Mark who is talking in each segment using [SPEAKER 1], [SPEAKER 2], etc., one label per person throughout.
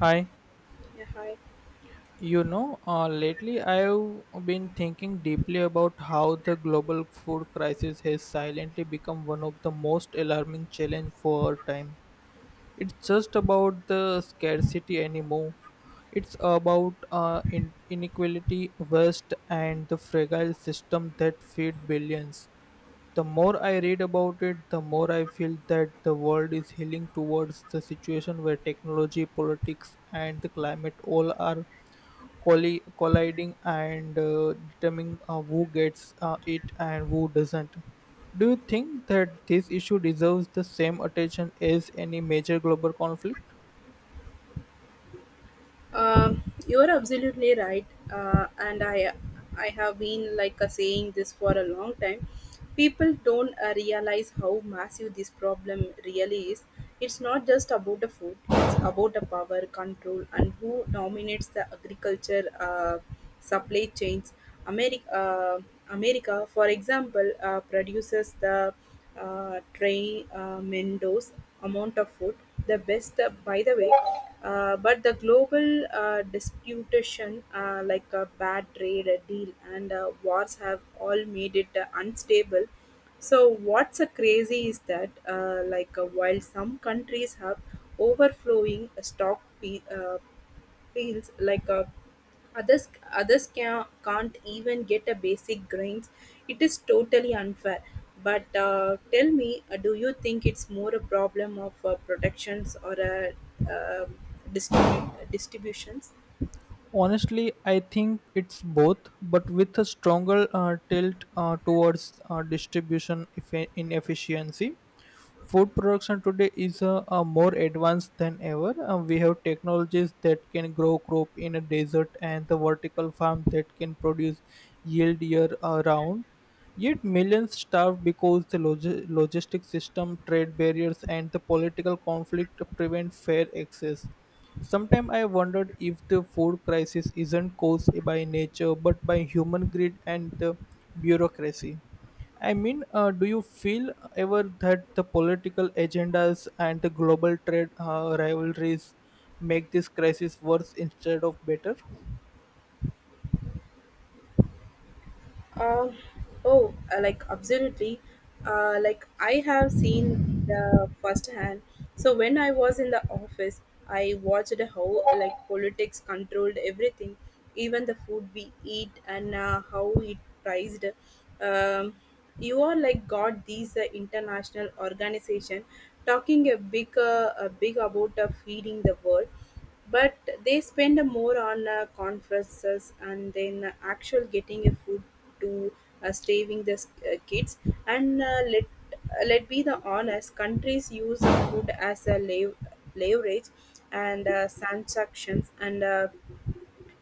[SPEAKER 1] Hi,
[SPEAKER 2] Yeah, hi.
[SPEAKER 1] lately I've been thinking deeply about how the global food crisis has silently become one of the most alarming challenges for our time. It's just about the scarcity anymore. It's about inequality, waste, and the fragile system that feed billions. The more I read about it, the more I feel that the world is healing towards the situation where technology, politics, and the climate all are colliding and determining who gets it and who doesn't. Do you think that this issue deserves the same attention as any major global conflict?
[SPEAKER 2] You are absolutely right, and I have been saying this for a long time. People don't realize how massive this problem really is. It's not just about the food; it's about the power control and who dominates the agriculture uh, supply chains. America, uh, America, for example, produces the Trey Mendo's amount of food, the best, by the way. But the global disputation, like a bad trade deal and wars, have all made it unstable. So what's a crazy is that, while some countries have overflowing stock pe- feels like a others others can't even get a basic grains, it is totally unfair. But tell me, do you think it's more a problem of protections or a distributions?
[SPEAKER 1] Honestly, I think it's both, but with a stronger tilt towards distribution inefficiency. Food production today is more advanced than ever. We have technologies that can grow crop in a desert and the vertical farm that can produce yield year round. Yet millions starve because the logistic system, trade barriers, and the political conflict prevent fair access. Sometimes I wondered if the food crisis isn't caused by nature but by human greed and the bureaucracy. I mean, do you feel ever that the political agendas and the global trade rivalries make this crisis worse instead of better?
[SPEAKER 2] Uh, oh, like absolutely. Like I have seen the firsthand. So when I was in the office, I watched how politics controlled everything, even the food we eat and how it priced. Um, you are like got these international organization talking a big about feeding the world, but they spend more on conferences and then actual getting a food to starving the kids. And let be the honest, countries use food as a leverage and transactions and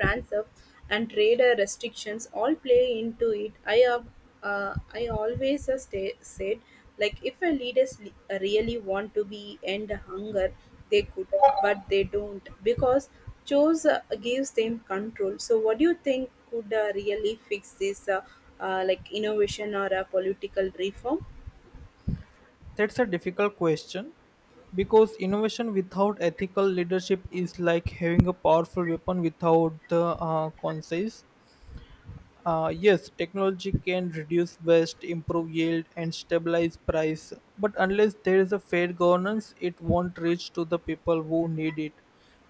[SPEAKER 2] transit, and trader restrictions all play into it. I always stay, said, like if a leaders really want to be end hunger, they could, but they don't because chose gives them control. So, what do you think could really fix this, like innovation or a political reform?
[SPEAKER 1] That's a difficult question because innovation without ethical leadership is like having a powerful weapon without the conscience. Yes, technology can reduce waste, improve yield, and stabilize price. But unless there is a fair governance, it won't reach to the people who need it.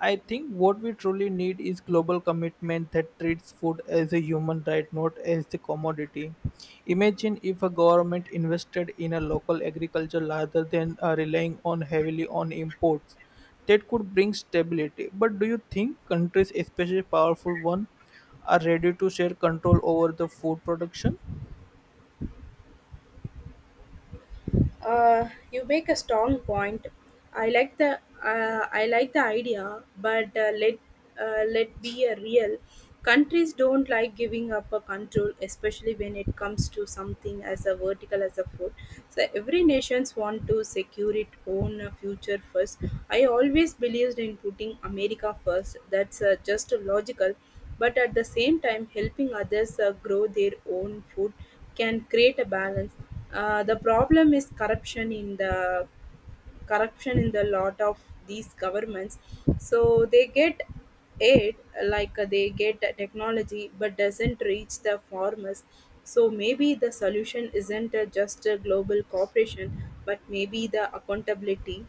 [SPEAKER 1] I think what we truly need is global commitment that treats food as a human right, not as the commodity. Imagine if a government invested in a local agriculture rather than relying on heavily on imports. That could bring stability. But do you think countries, especially powerful ones, are ready to share control over the food production?
[SPEAKER 2] You make a strong point. I like the idea, but let be a real. Countries don't like giving up a control, especially when it comes to something as a vertical as a food. So every nations want to secure its own future first. I always believed in putting America first. That's just logical, but at the same time helping others grow their own food can create a balance. The problem is corruption in the lot of these governments. So they get aid, they get technology but doesn't reach the farmers. So maybe the solution isn't just a global cooperation, but maybe the accountability.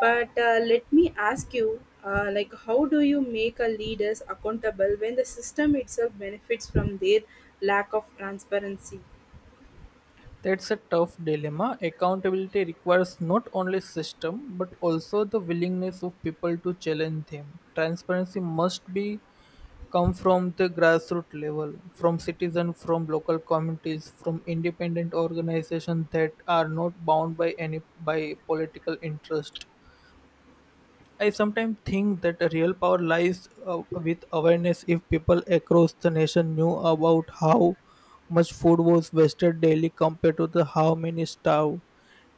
[SPEAKER 2] But let me ask you, like, how do you make a leaders accountable when the system itself benefits from their lack of transparency?
[SPEAKER 1] That's a tough dilemma. Accountability requires not only system but also the willingness of people to challenge them. Transparency must be come from the grassroots level, from citizens, from local communities, from independent organizations that are not bound by any by political interest. I sometimes think that the real power lies with awareness. If people across the nation knew about how much food was wasted daily compared to the how many starve,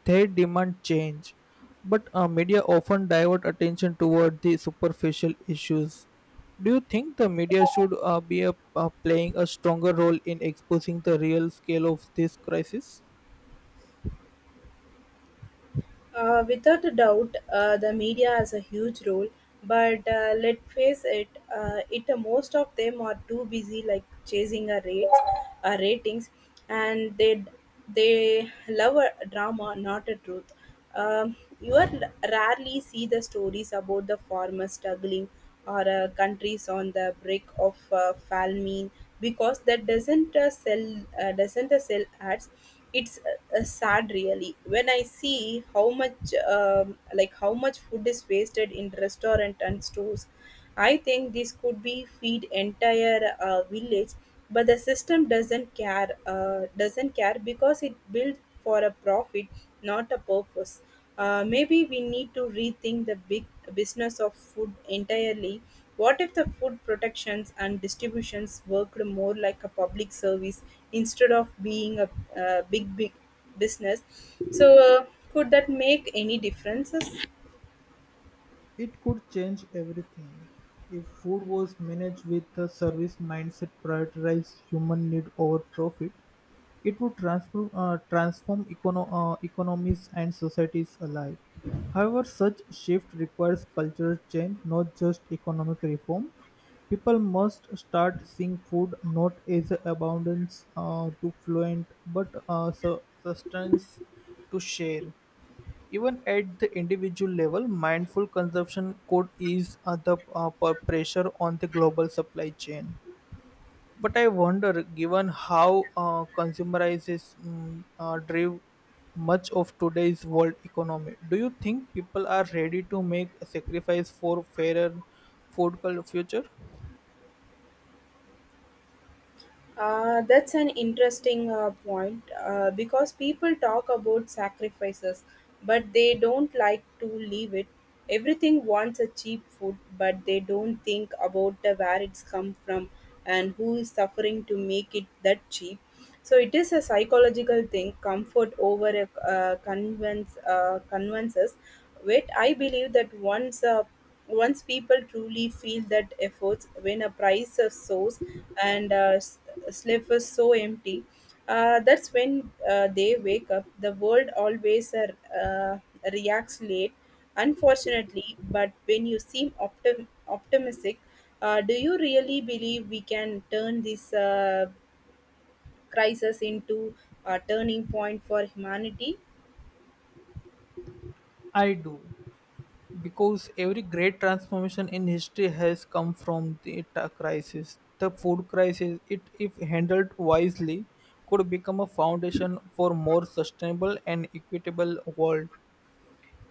[SPEAKER 1] they demand change. But media often divert attention toward the superficial issues. Do you think the media should be playing a stronger role in exposing the real scale of this crisis?
[SPEAKER 2] Without a doubt, the media has a huge role, but let's face it, most of them are too busy like chasing ratings, and they love a drama, not a truth. You are rarely see the stories about the farmers struggling or countries on the brink of famine, because that doesn't sell ads. It's sad really when I see how much, how much food is wasted in restaurant and stores. I think this could be feed entire village, but the system doesn't care because it built for a profit, not a purpose. Maybe we need to rethink the big business of food entirely. What if the food protections and distributions worked more like a public service, instead of being a big business? So could that make any differences?
[SPEAKER 1] It could change everything if food was managed with a service mindset prioritized human need over profit. It would transform economies and societies alike. However, such shift requires cultural change, not just economic reform. People must start seeing food not as a abundance to fluent, but sustenance to share. Even at the individual level, mindful consumption could ease pressure on the global supply chain. But I wonder, given how consumerizes drive much of today's world economy, do you think people are ready to make a sacrifice for fairer food future?
[SPEAKER 2] That's an interesting point, because people talk about sacrifices, but they don't like to leave it. Everything wants a cheap food, but they don't think about the where it's come from and who is suffering to make it that cheap. So it is a psychological thing, comfort over a convinces. Wait, I believe that once people truly feel that efforts when a price of source and slip is so empty, that's when they wake up. The world always reacts late, unfortunately. But when you seem optimistic, do you really believe we can turn this? Crisis into a turning point for humanity?
[SPEAKER 1] I do. Because every great transformation in history has come from the crisis. The food crisis, it if handled wisely, could become a foundation for more sustainable and equitable world.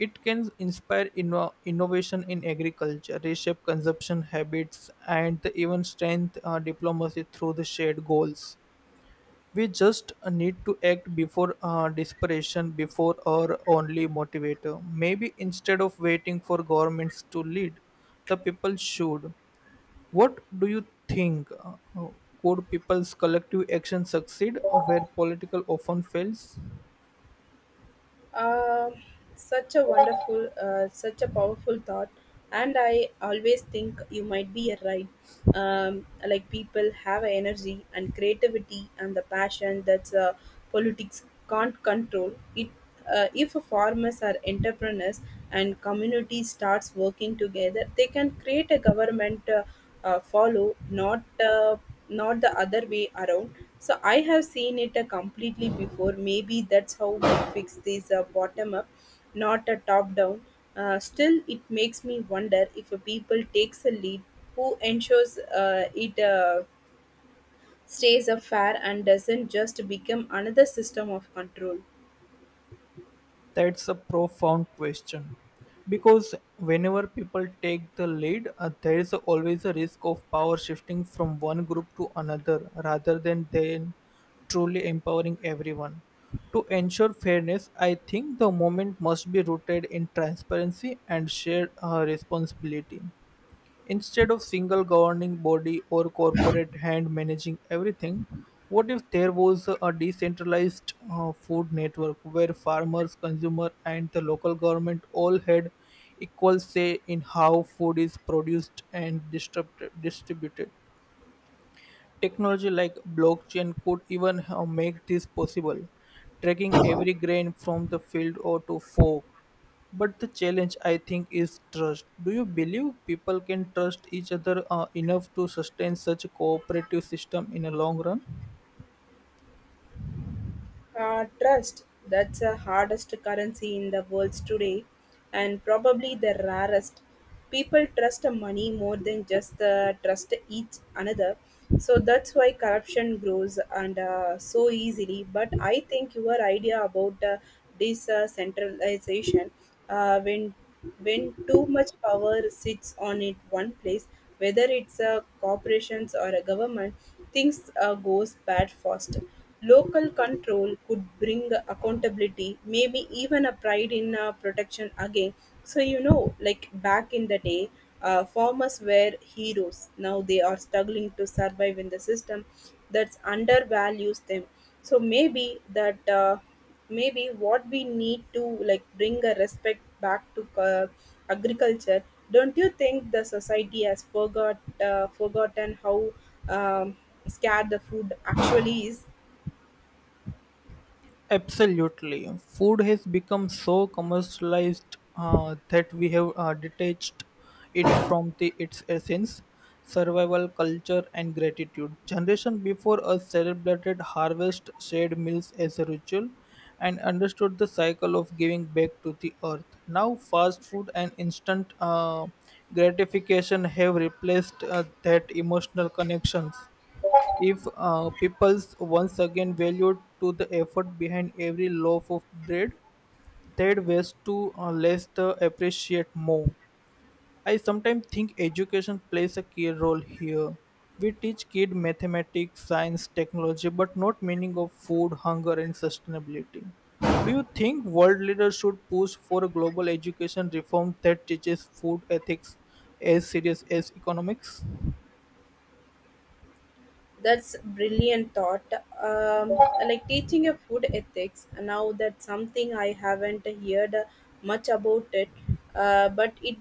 [SPEAKER 1] It can inspire innovation in agriculture, reshape consumption habits, and even strengthen diplomacy through the shared goals. We just need to act before desperation, before our only motivator. Maybe instead of waiting for governments to lead, the people should. What do you think? Could people's collective action succeed where political often fails?
[SPEAKER 2] Uh, Such a powerful thought. And I always think you might be right. People have energy and creativity and the passion that's politics can't control. It If farmers are entrepreneurs and community starts working together, they can create a government. Follow, not the other way around. So I have seen it completely before. Maybe that's how we fix this bottom up, not a top down. Still, it makes me wonder, if a people takes a lead, who ensures it stays a fair and doesn't just become another system of control.
[SPEAKER 1] That's a profound question. Because whenever people take the lead, there is always a risk of power shifting from one group to another rather than then truly empowering everyone. To ensure fairness, I think the movement must be rooted in transparency and shared responsibility. Instead of single governing body or corporate hand managing everything, what if there was a decentralized food network where farmers, consumer, and the local government all had equal say in how food is produced and distributed? Technology like blockchain could even make this possible, tracking every grain from the field or to fork. But the challenge, I think, is trust. Do you believe people can trust each other enough to sustain such a cooperative system in a long run?
[SPEAKER 2] Trust, that's the hardest currency in the world today, and probably the rarest. People trust money more than just trust each another. So that's why corruption grows and so easily. But I think your idea about decentralization, uh, when when too much power sits on it one place, whether it's a corporations or a government, things goes bad fast. Local control could bring accountability, maybe even a pride in protection again. So you know, like back in the day, farmers were heroes. Now they are struggling to survive in the system that's undervalues them. So maybe that. Maybe what we need to like bring a respect back to agriculture. Don't you think the society has forgotten how um, scarce the food actually is?
[SPEAKER 1] Absolutely. Food has become so commercialized that we have detached it from the, its essence, survival, culture, and gratitude. Generation before us celebrated harvest, shared meals as a ritual, and understood the cycle of giving back to the earth. Now, fast food and instant gratification have replaced that emotional connections. If people's once again valued to the effort behind every loaf of bread, they'd waste to less the appreciate more. I sometimes think education plays a key role here. We teach kids mathematics, science, technology, but not meaning of food, hunger, and sustainability. Do you think world leaders should push for a global education reform that teaches food ethics as serious as economics?
[SPEAKER 2] That's brilliant thought. Um, Teaching a food ethics. Now that's something I haven't heard much about it, but it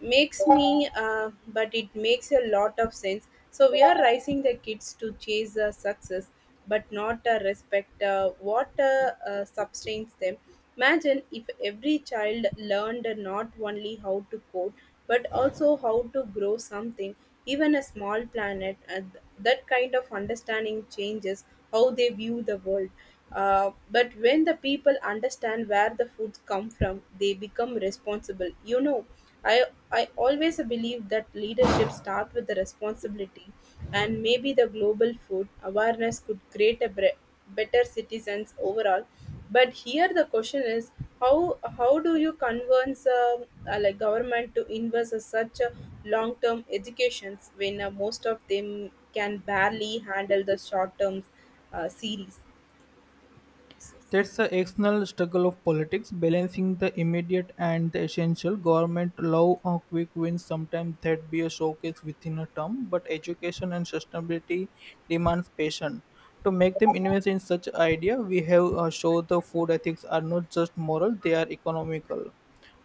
[SPEAKER 2] makes me. But it makes a lot of sense. So we are raising the kids to chase success, but not respect what sustains them. Imagine if every child learned not only how to code, but also how to grow something, even a small planet. And that kind of understanding changes how they view the world. But when the people understand where the food come from, they become responsible. You know, I I always believe that leadership starts with the responsibility, and maybe the global food awareness could create a better citizens overall. But here the question is, how do you convince, government to invest in such a long term educations when most of them can barely handle the short term series?
[SPEAKER 1] That's the external struggle of politics, balancing the immediate and the essential. Government love a quick win, sometimes that be a showcase within a term, but education and sustainability demands patience. To make them invest in such idea, we have show the food ethics are not just moral, they are economical.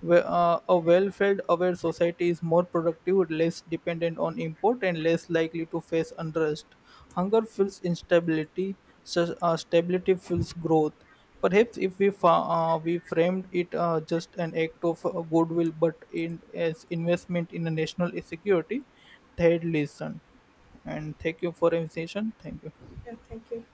[SPEAKER 1] A well-fed aware society is more productive, less dependent on import and less likely to face unrest. Hunger fuels instability. Stability fuels growth. Perhaps if we we framed it just an act of goodwill but in as investment in a national security, they'd listen. And thank you for invitation. Thank you.
[SPEAKER 2] Yeah, thank you.